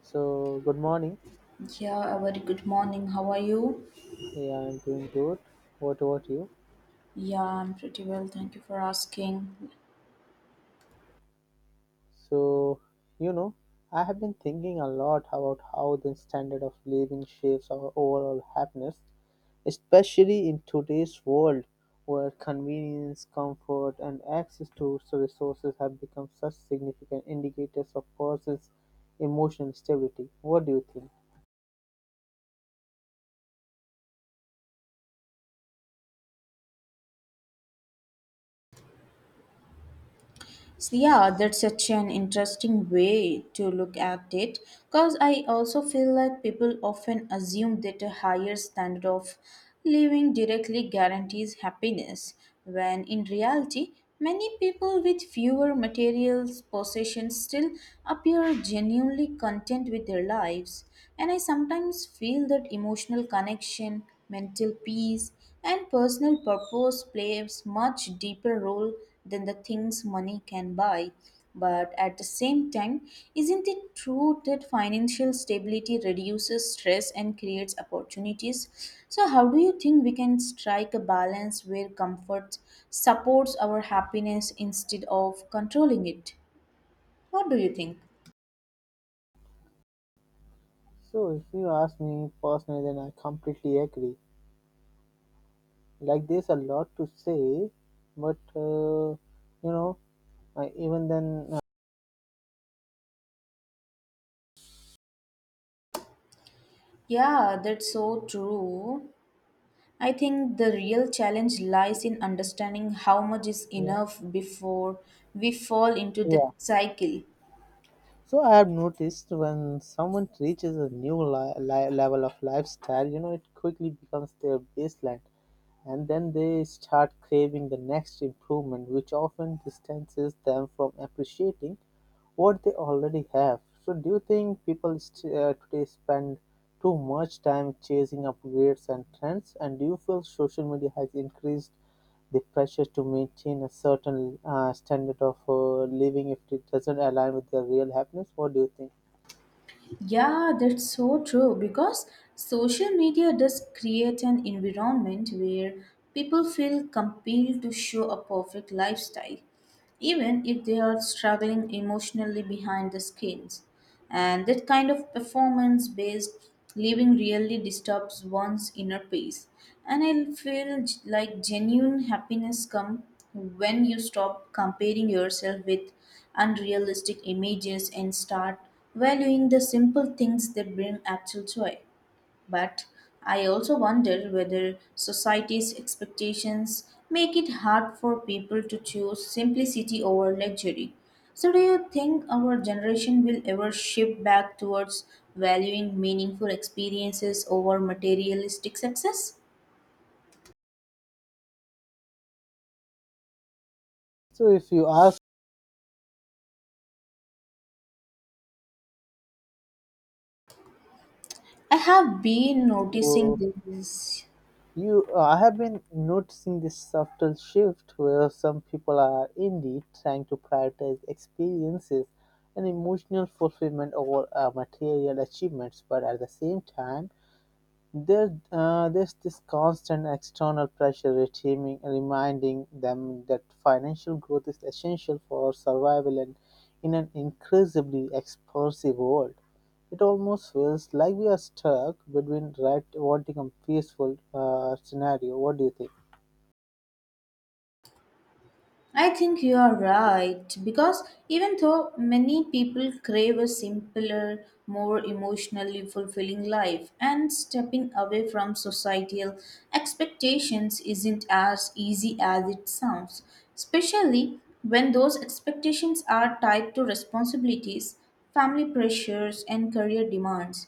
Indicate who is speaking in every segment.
Speaker 1: So, good morning.
Speaker 2: Yeah, a very good morning. How are you?
Speaker 1: Yeah, I'm doing good. What about you?
Speaker 2: Yeah, I'm pretty well. Thank you for asking.
Speaker 1: So, you know, I have been thinking a lot about how the standard of living shapes our overall happiness, especially in today's world where convenience, comfort, and access to resources have become such significant indicators of person's emotional stability. What do you think?
Speaker 2: Yeah, that's such an interesting way to look at it because I also feel like people often assume that a higher standard of living directly guarantees happiness, when in reality, many people with fewer material possessions still appear genuinely content with their lives. And I sometimes feel that emotional connection, mental peace, and personal purpose plays much deeper role than the things money can buy. But at the same time, isn't it true that financial stability reduces stress and creates opportunities? So, how do you think we can strike a balance where comfort supports our happiness instead of controlling it? What do you think?
Speaker 1: So, if you ask me personally, then I completely agree. Like there's a lot to say, but you know, even then,
Speaker 2: Yeah, that's so true. I think the real challenge lies in understanding how much is
Speaker 1: yeah,
Speaker 2: enough before we fall into the
Speaker 1: yeah.
Speaker 2: cycle.
Speaker 1: So I have noticed when someone reaches a level of lifestyle, it quickly becomes their baseline, and then they start craving the next improvement, which often distances them from appreciating what they already have. So, do you think people today spend too much time chasing upgrades and trends? And do you feel social media has increased the pressure to maintain a certain standard of living if it doesn't align with their real happiness? What do you think?
Speaker 2: Yeah, that's so true because social media does create an environment where people feel compelled to show a perfect lifestyle, even if they are struggling emotionally behind the screens. And that kind of performance based living really disturbs one's inner peace. And I feel like genuine happiness comes when you stop comparing yourself with unrealistic images and start valuing the simple things that bring actual joy. But I also wonder whether society's expectations make it hard for people to choose simplicity over luxury. So, do you think our generation will ever shift back towards valuing meaningful experiences over materialistic success?
Speaker 1: So, if you ask,
Speaker 2: I have been
Speaker 1: so
Speaker 2: noticing this.
Speaker 1: You, I have been noticing this subtle shift where some people are indeed trying to prioritize experiences and emotional fulfillment over material achievements, but at the same time, there's this constant external pressure retaining, reminding them that financial growth is essential for survival and in an increasingly explosive world. It almost feels like we are stuck between right, wanting a peaceful scenario. What do you think?
Speaker 2: I think you are right because even though many people crave a simpler, more emotionally fulfilling life, and stepping away from societal expectations isn't as easy as it sounds, especially when those expectations are tied to responsibilities, family pressures, and career demands.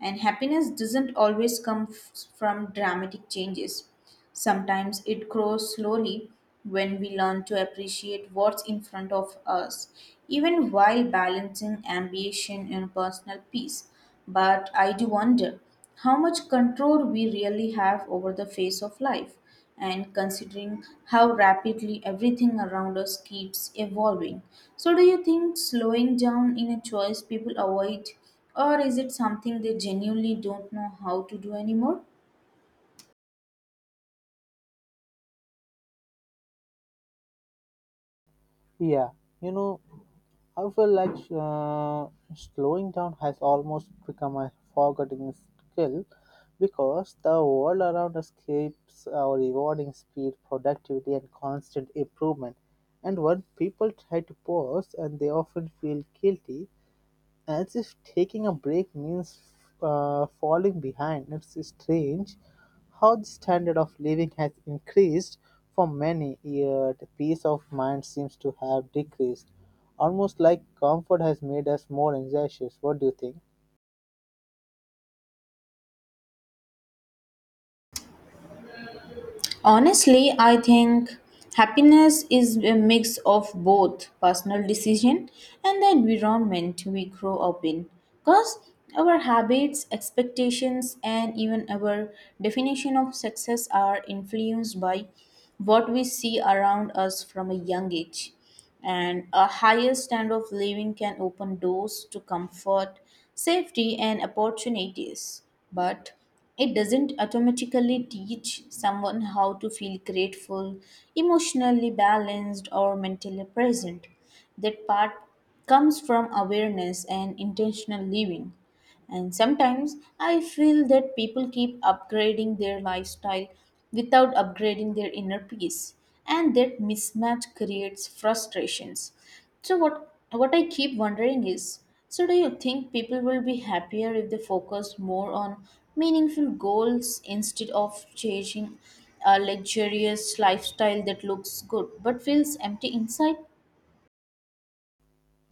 Speaker 2: And happiness doesn't always come from dramatic changes. Sometimes it grows slowly when we learn to appreciate what's in front of us, even while balancing ambition and personal peace. But I do wonder how much control we really have over the face of life, and considering how rapidly everything around us keeps evolving. So, do you think slowing down in a choice people avoid, or is it something they genuinely don't know how to do anymore?
Speaker 1: Yeah, you know, I feel like slowing down has almost become a forgotten skill because the world around us keeps our rewarding speed, productivity, and constant improvement. And when people try to pause, and they often feel guilty as if taking a break means falling behind. It's strange how the standard of living has increased for many, yet peace of mind seems to have decreased. Almost like comfort has made us more anxious. What do you think?
Speaker 2: Honestly, I think happiness is a mix of both personal decision and the environment we grow up in. Because our habits, expectations, and even our definition of success are influenced by what we see around us from a young age. And a higher standard of living can open doors to comfort, safety, and opportunities. But it doesn't automatically teach someone how to feel grateful, emotionally balanced, or mentally present. That part comes from awareness and intentional living. And sometimes I feel that people keep upgrading their lifestyle without upgrading their inner peace, and that mismatch creates frustrations. So what I keep wondering is, so do you think people will be happier if they focus more on meaningful goals instead of chasing a luxurious lifestyle that looks good but feels empty inside?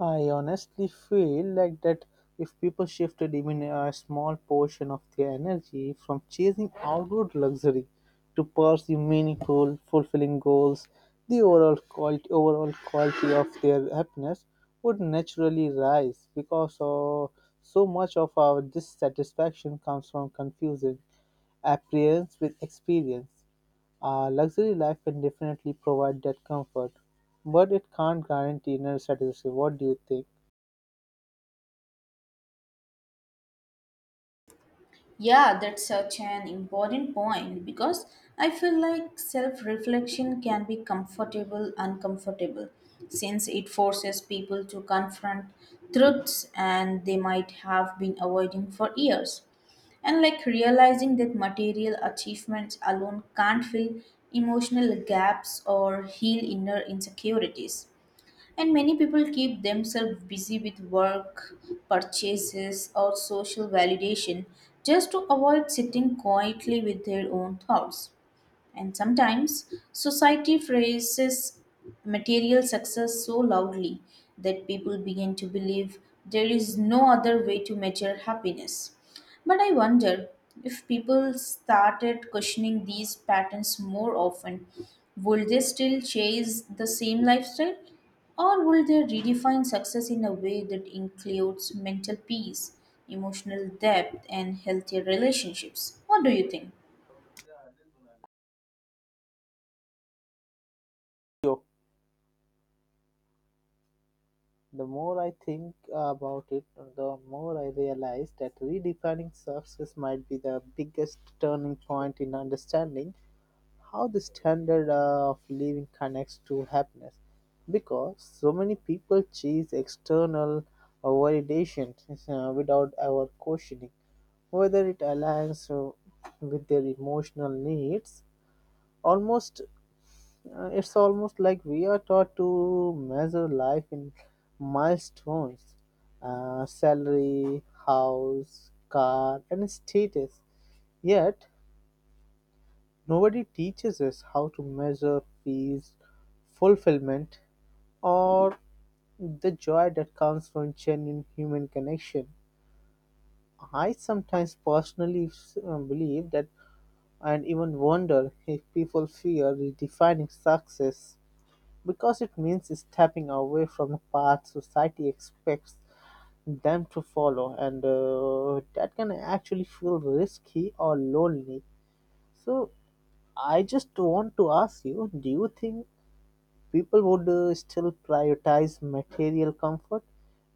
Speaker 1: I honestly feel like that if people shifted even a small portion of their energy from chasing outward luxury to pursue meaningful, fulfilling goals, the overall quality of their happiness would naturally rise because of so much of our dissatisfaction comes from confusing appearance with experience. Luxury life can definitely provide that comfort, but it can't guarantee inner satisfaction. What do you think?
Speaker 2: Yeah, that's such an important point because I feel like self reflection can be comfortable, uncomfortable, since it forces people to confront truths and they might have been avoiding for years. And like realizing that material achievements alone can't fill emotional gaps or heal inner insecurities. And many people keep themselves busy with work, purchases, or social validation just to avoid sitting quietly with their own thoughts. And sometimes society phrases material success so loudly that people begin to believe there is no other way to measure happiness. But I wonder, if people started questioning these patterns more often, would they still chase the same lifestyle? Or will they redefine success in a way that includes mental peace, emotional depth, and healthier relationships? What do you think?
Speaker 1: Yo, the more I think about it, the more I realize that redefining success might be the biggest turning point in understanding how the standard of living connects to happiness because so many people chase external validation without ever questioning whether it aligns with their emotional needs almost it's almost like we are taught to measure life in milestones, salary, house, car, and status. Yet nobody teaches us how to measure peace, fulfillment, or the joy that comes from genuine human connection. I sometimes personally believe that and even wonder if people fear redefining success because it means stepping away from the path society expects them to follow, and that can actually feel risky or lonely. So, I just want to ask you, do you think people would still prioritize material comfort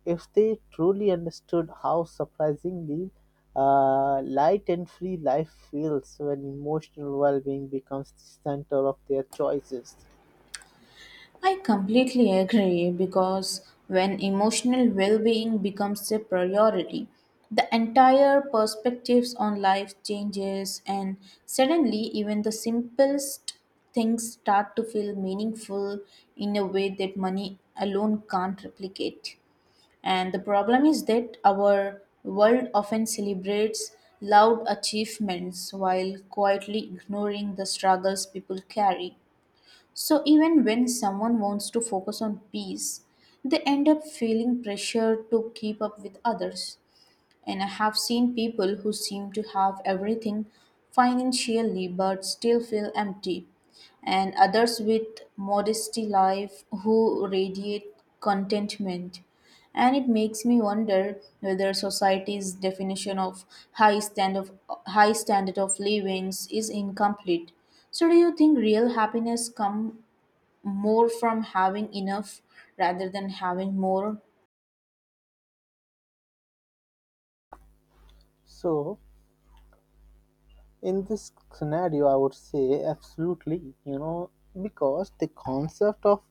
Speaker 1: if they truly understood how surprisingly light and free life feels when emotional well being becomes the center of their choices?
Speaker 2: I completely agree, because when emotional well being becomes a priority, the entire perspectives on life changes, and suddenly, even the simplest things start to feel meaningful in a way that money alone can't replicate. And the problem is that our world often celebrates loud achievements while quietly ignoring the struggles people carry, so, even when someone wants to focus on peace, they end up feeling pressure to keep up with others. And I have seen people who seem to have everything financially but still feel empty, and others with modesty life who radiate contentment. And it makes me wonder whether society's definition of high standard of living is incomplete. So, do you think real happiness come more from having enough rather than having more?
Speaker 1: So, in this scenario, I would say absolutely, you know, because the concept of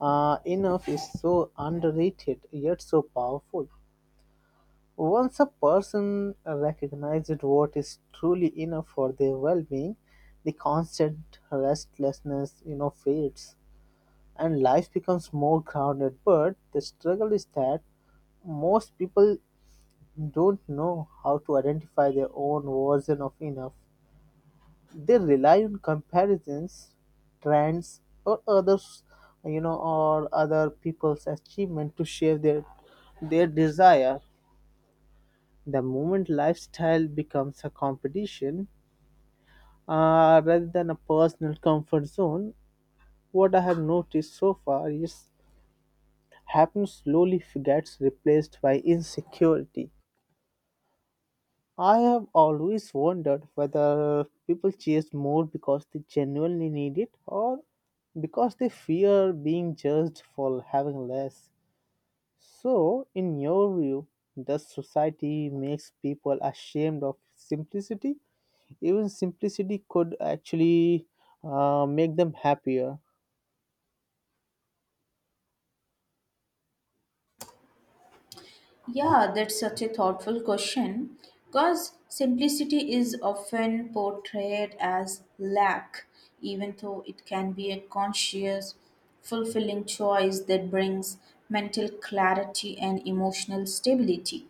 Speaker 1: enough is so underrated yet so powerful. Once a person recognizes what is truly enough for their well-being, the constant restlessness, you know, fades, and life becomes more grounded. But the struggle is that most people don't know how to identify their own version of enough. They rely on comparisons, trends, or others, you know, or other people's achievement to shape their desire. The moment lifestyle becomes a competition rather than a personal comfort zone, what I have noticed so far is happiness slowly gets replaced by insecurity. I have always wondered whether people chase more because they genuinely need it or because they fear being judged for having less. So, in your view, does society makes people ashamed of simplicity? Even simplicity could actually make them happier.
Speaker 2: Yeah, that's such a thoughtful question, because simplicity is often portrayed as lack, even though it can be a conscious, fulfilling choice that brings mental clarity and emotional stability.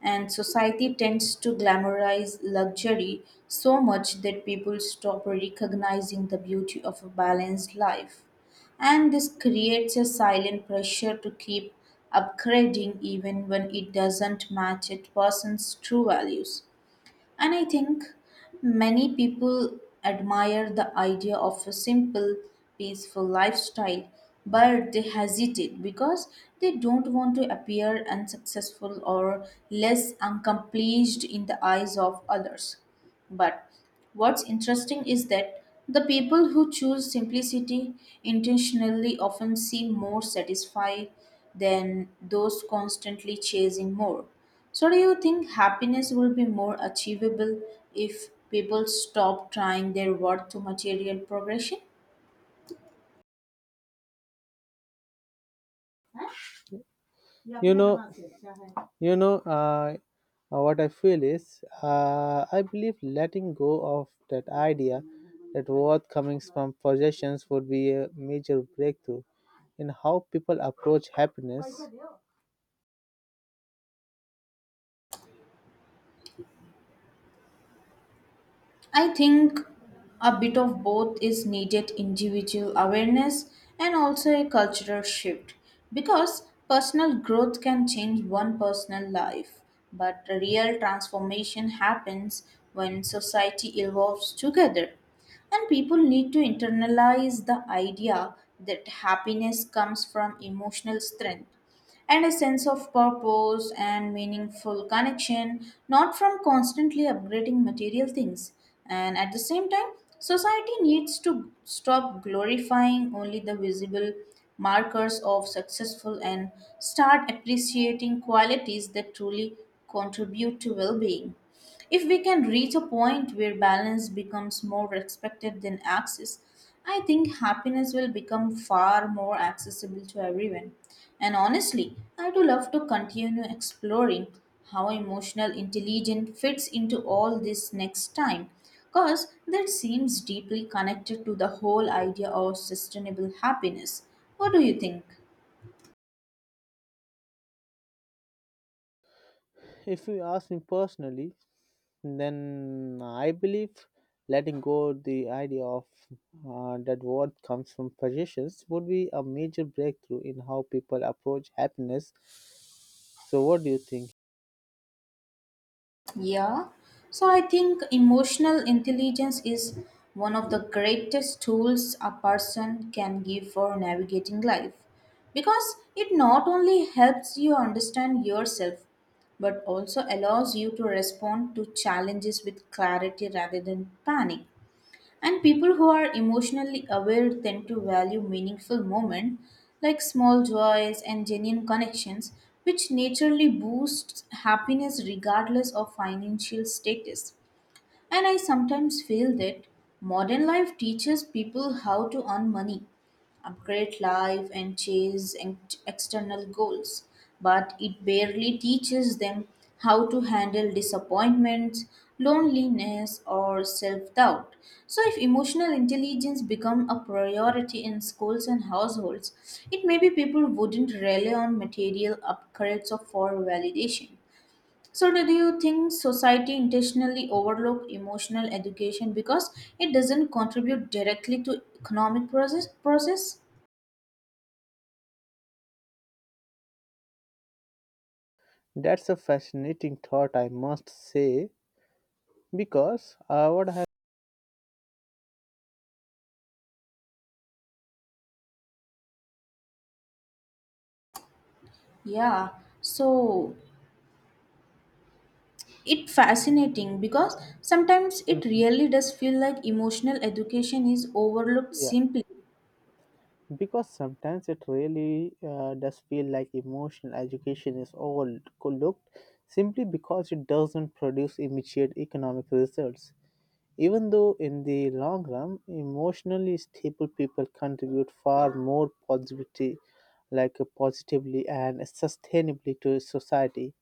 Speaker 2: And society tends to glamorize luxury so much that people stop recognizing the beauty of a balanced life. And this creates a silent pressure to keep upgrading, even when it doesn't match a person's true values. And I think many people admire the idea of a simple, peaceful lifestyle, but they hesitate because they don't want to appear unsuccessful or less accomplished in the eyes of others. But what's interesting is that the people who choose simplicity intentionally often seem more satisfied than those constantly chasing more. So, do you think happiness will be more achievable if people stop trying their worth to material progression?
Speaker 1: You know you know what I feel is I believe letting go of that idea that worth coming from possessions would be a major breakthrough in how people approach happiness.
Speaker 2: I think a bit of both is needed, individual awareness and also a cultural shift, because personal growth can change one personal life, but a real transformation happens when society evolves together. And people need to internalize the idea that happiness comes from emotional strength and a sense of purpose and meaningful connection, not from constantly upgrading material things. And at the same time, society needs to stop glorifying only the visible markers of successful and start appreciating qualities that truly contribute to well being. If we can reach a point where balance becomes more respected than access, I think happiness will become far more accessible to everyone. And honestly, I do love to continue exploring how emotional intelligence fits into all this next time, because that seems deeply connected to the whole idea of sustainable happiness. What do you think?
Speaker 1: If you ask me personally, then I believe letting go the idea of that what comes from possessions would be a major breakthrough in how people approach happiness. So, what do you think?
Speaker 2: Yeah, so I think emotional intelligence is one of the greatest tools a person can give for navigating life, because it not only helps you understand yourself but also allows you to respond to challenges with clarity rather than panic. And people who are emotionally aware tend to value meaningful moments, like small joys and genuine connections, which naturally boosts happiness regardless of financial status. And I sometimes feel that modern life teaches people how to earn money, upgrade life, and chase external goals. But it barely teaches them how to handle disappointments, loneliness, or self doubt. So, if emotional intelligence become a priority in schools and households, it may be people wouldn't rely on material upgrades or for validation. So, do you think society intentionally overlook emotional education because it doesn't contribute directly to economic process?
Speaker 1: That's a fascinating thought, I must say, because what I...
Speaker 2: Yeah. So, it fascinating because sometimes it
Speaker 1: Mhm.
Speaker 2: really does feel like emotional education is overlooked
Speaker 1: Yeah,
Speaker 2: simply.
Speaker 1: because sometimes it really does feel like emotional education is overlooked simply because it doesn't produce immediate economic results. Even though, in the long run, emotionally stable people contribute far more positivity, like positively and sustainably to society.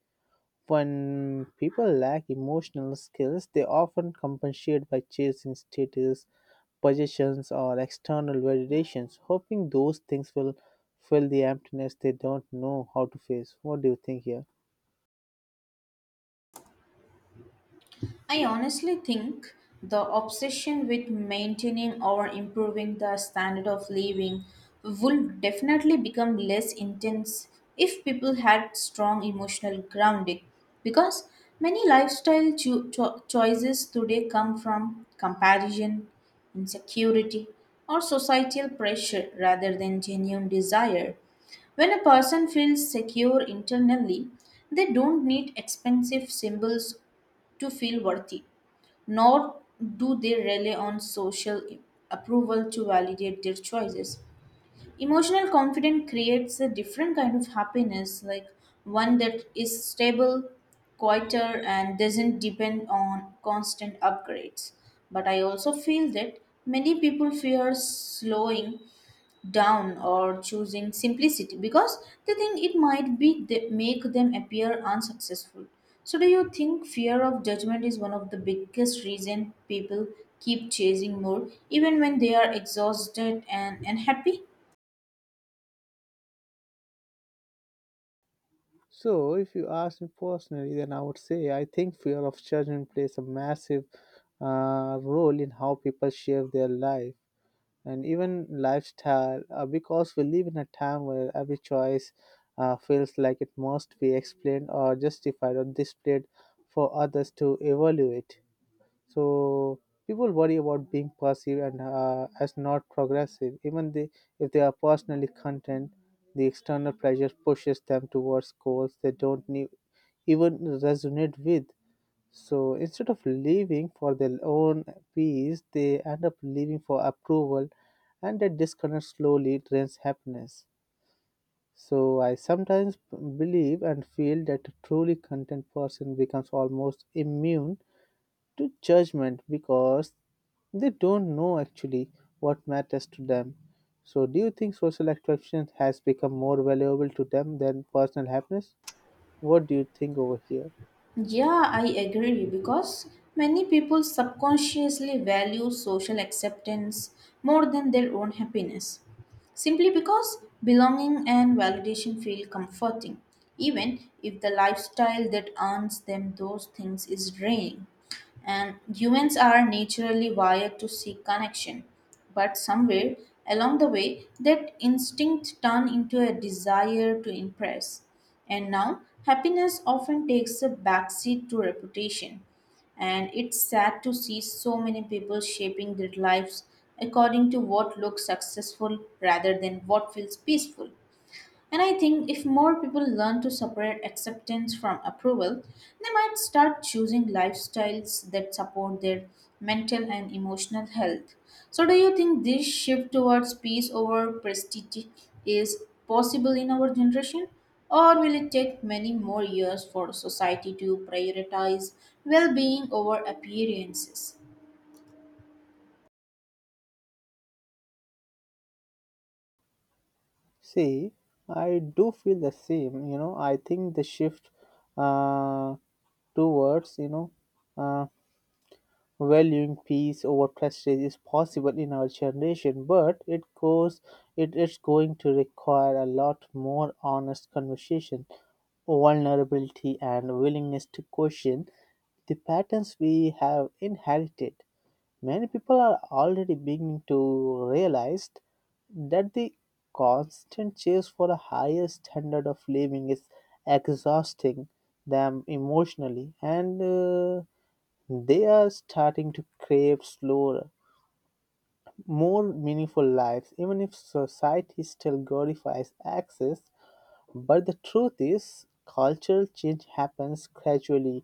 Speaker 1: When people lack emotional skills, they often compensate by chasing status, possessions, or external validations, hoping those things will fill the emptiness they don't know how to face. What do you think here?
Speaker 2: I honestly think the obsession with maintaining or improving the standard of living would definitely become less intense if people had strong emotional grounding, because many lifestyle choices today come from comparison, insecurity, or societal pressure rather than genuine desire. When a person feels secure internally, they don't need expensive symbols to feel worthy, nor do they rely on social approval to validate their choices. Emotional confidence creates a different kind of happiness, like one that is stable, quieter, and doesn't depend on constant upgrades. But I also feel that many people fear slowing down or choosing simplicity because they think it might be make them appear unsuccessful. So, do you think fear of judgment is one of the biggest reason people keep chasing more even when they are exhausted and unhappy?
Speaker 1: So, if you ask me personally, then I would say I think fear of judgment plays a massive role in how people shape their life and even lifestyle, because we live in a time where every choice feels like it must be explained or justified or displayed for others to evaluate. So people worry about being passive and as not progressive, even they, if they are personally content. The external pressure pushes them towards goals they don't need, even resonate with. So instead of living for their own peace, they end up living for approval, and that disconnect slowly drains happiness. So I sometimes believe and feel that a truly content person becomes almost immune to judgment because they don't know actually what matters to them. So, do you think social acceptance has become more valuable to them than personal happiness? What do you think over here?
Speaker 2: Yeah, I agree, because many people subconsciously value social acceptance more than their own happiness, simply because belonging and validation feel comforting, even if the lifestyle that earns them those things is draining. And humans are naturally wired to seek connection, but somewhere along the way, that instinct turned into a desire to impress. And now, happiness often takes a backseat to reputation, and it's sad to see so many people shaping their lives according to what looks successful rather than what feels peaceful. And I think if more people learn to separate acceptance from approval, they might start choosing lifestyles that support their mental and emotional health. So, do you think this shift towards peace over prestige is possible in our generation? Or will it take many more years for society to prioritize well being over appearances?
Speaker 1: See, I do feel the same. You know, I think the shift uh, towards you know uh, Valuing peace over prestige is possible in our generation, but it is going to require a lot more honest conversation, vulnerability, and willingness to question the patterns we have inherited. Many people are already beginning to realize that the constant chase for a higher standard of living is exhausting them emotionally, and they are starting to crave slower, more meaningful lives, even if society still glorifies access. But the truth is, cultural change happens gradually.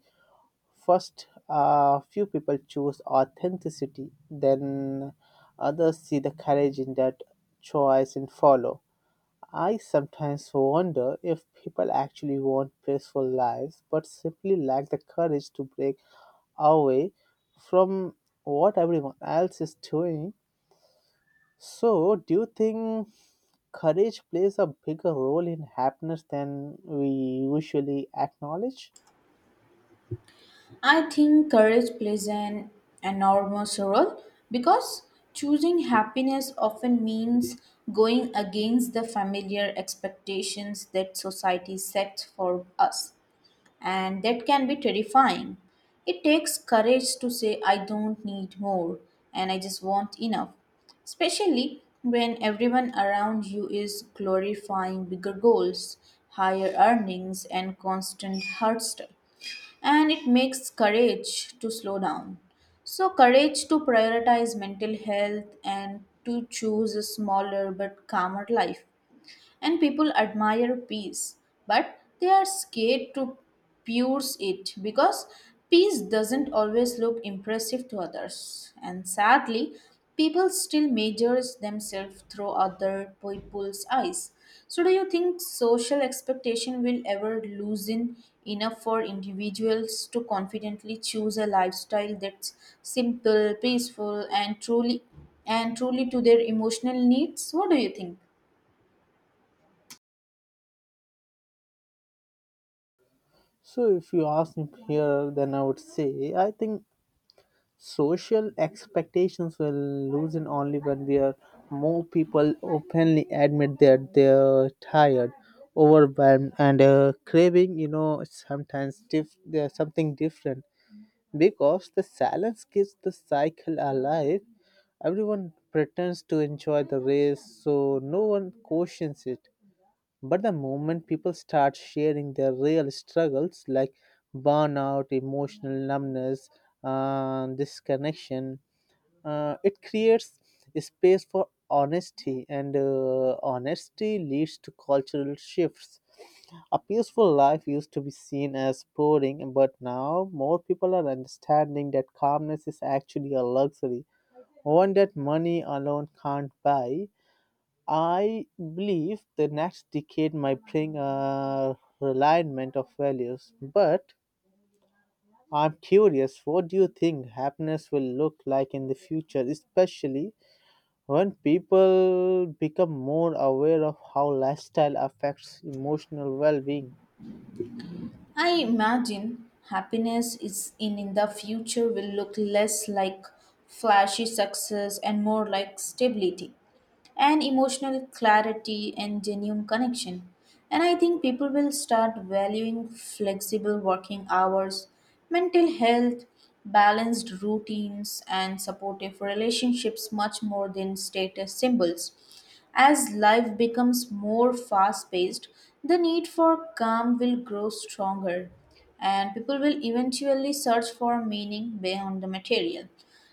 Speaker 1: First, few people choose authenticity, then others see the courage in that choice and follow. I sometimes wonder if people actually want peaceful lives but simply lack the courage to break away from what everyone else is doing. So, do you think courage plays a bigger role in happiness than we usually acknowledge?
Speaker 2: I think courage plays an enormous role, because choosing happiness often means going against the familiar expectations that society sets for us, and that can be terrifying. It takes courage to say, I don't need more and I just want enough, especially when everyone around you is glorifying bigger goals, higher earnings, and constant hustle, and it makes courage to slow down. So, courage to prioritize mental health and to choose a smaller but calmer life, and people admire peace, but they are scared to pierce it because peace doesn't always look impressive to others, and sadly, people still measures themselves through other people's eyes. So, do you think social expectation will ever loosen enough for individuals to confidently choose a lifestyle that's simple, peaceful, and truly, and truly to their emotional needs? What do you think?
Speaker 1: So, if you ask me here, then I would say I think social expectations will loosen only when we are more people openly admit that they're tired, overwhelmed, and craving. You know, sometimes there's something different because the silence keeps the cycle alive. Everyone pretends to enjoy the race, so no one questions it. But the moment people start sharing their real struggles like burnout, emotional numbness, disconnection, it creates a space for honesty, and honesty leads to cultural shifts. A peaceful life used to be seen as boring, but now more people are understanding that calmness is actually a luxury, one that money alone can't buy. I believe the next decade might bring a realignment of values, but I'm curious, what do you think happiness will look like in the future, especially when people become more aware of how lifestyle affects emotional well being?
Speaker 2: I imagine happiness is in the future will look less like flashy success and more like stability and emotional clarity and genuine connection. And I think people will start valuing flexible working hours, mental health, balanced routines, and supportive relationships much more than status symbols. As life becomes more fast paced, the need for calm will grow stronger, and people will eventually search for meaning beyond the material.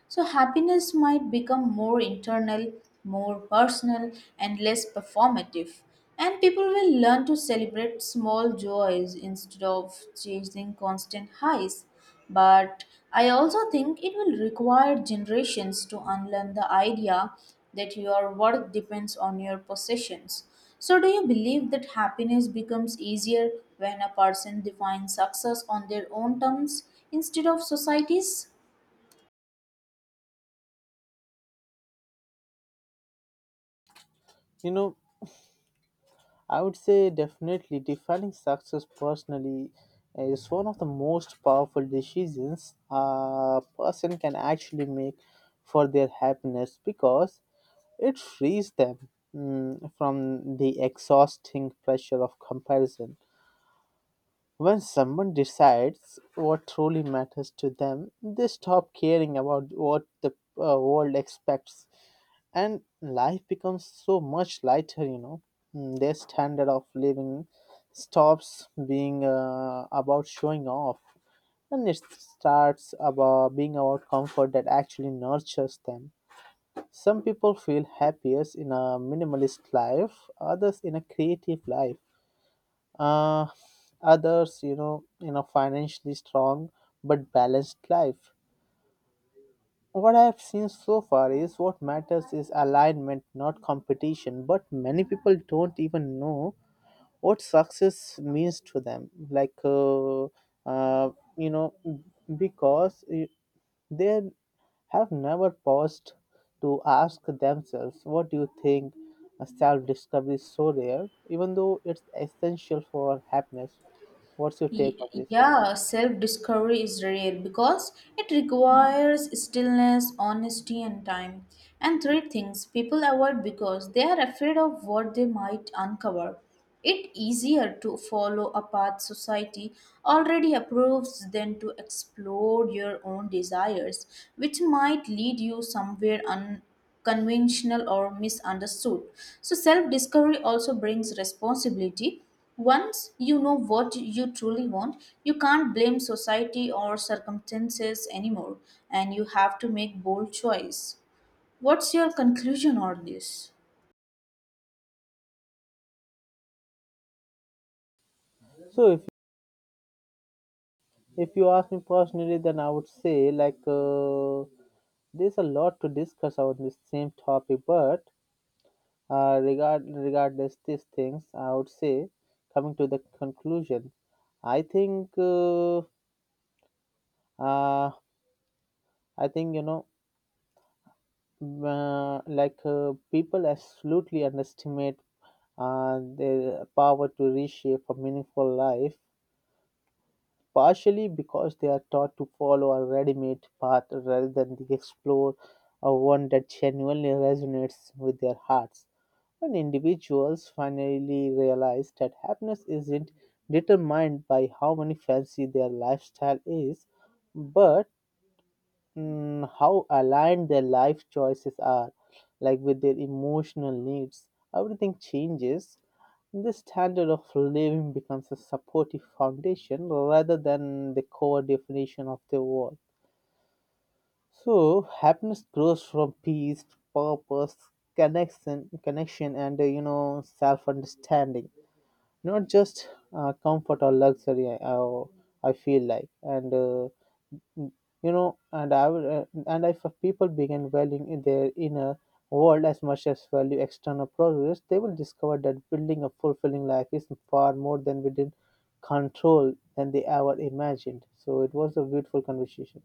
Speaker 2: So, happiness might become more internal, more personal, and less performative. And people will learn to celebrate small joys instead of chasing constant highs. But I also think it will require generations to unlearn the idea that your worth depends on your possessions. So, do you believe that happiness becomes easier when a person defines success on their own terms instead of society's?
Speaker 1: You know, I would say definitely defining success personally is one of the most powerful decisions a person can actually make for their happiness because it frees them, from the exhausting pressure of comparison. When someone decides what truly matters to them, they stop caring about what the world expects, and life becomes so much lighter, you know. Their standard of living stops being about showing off, and it starts about comfort that actually nurtures them. Some people feel happiest in a minimalist life, others in a creative life uh, others, you know, in a financially strong but balanced life. What I have seen so far is what matters is alignment, not competition. But many people don't even know what success means to them. Like, uh, you know, because They have never paused to ask themselves, what do you think? Self discovery is so rare, even though it's essential for happiness. What's your take
Speaker 2: Y-
Speaker 1: on this?
Speaker 2: Yeah, self discovery is real, because it requires stillness, honesty, and time. And three things people avoid because they are afraid of what they might uncover. It easier to follow a path society already approves than to explore your own desires, which might lead you somewhere unconventional or misunderstood. So, self discovery also brings responsibility. Once you know what you truly want, you can't blame society or circumstances anymore, and you have to make bold choice. What's your conclusion on this?
Speaker 1: So, if If you ask me personally, then I would say there's a lot to discuss on this same topic, but regardless these things, I would say coming to the conclusion, I think uh, uh, I think you know like people absolutely underestimate their power to reshape a meaningful life partially because they are taught to follow a ready-made path rather than the explore a one that genuinely resonates with their hearts. When individuals finally realize that happiness isn't determined by how many fancy their lifestyle is, but how aligned their life choices are, like with their emotional needs. Everything changes. This standard of living becomes a supportive foundation rather than the core definition of the world. So happiness grows from peace, purpose, connection, and self-understanding, not just comfort or luxury. I feel like, and you know and I would, and if people begin valuing in their inner world as much as value external progress, they will discover that building a fulfilling life is far more than within control than they ever imagined. So it was a beautiful conversation.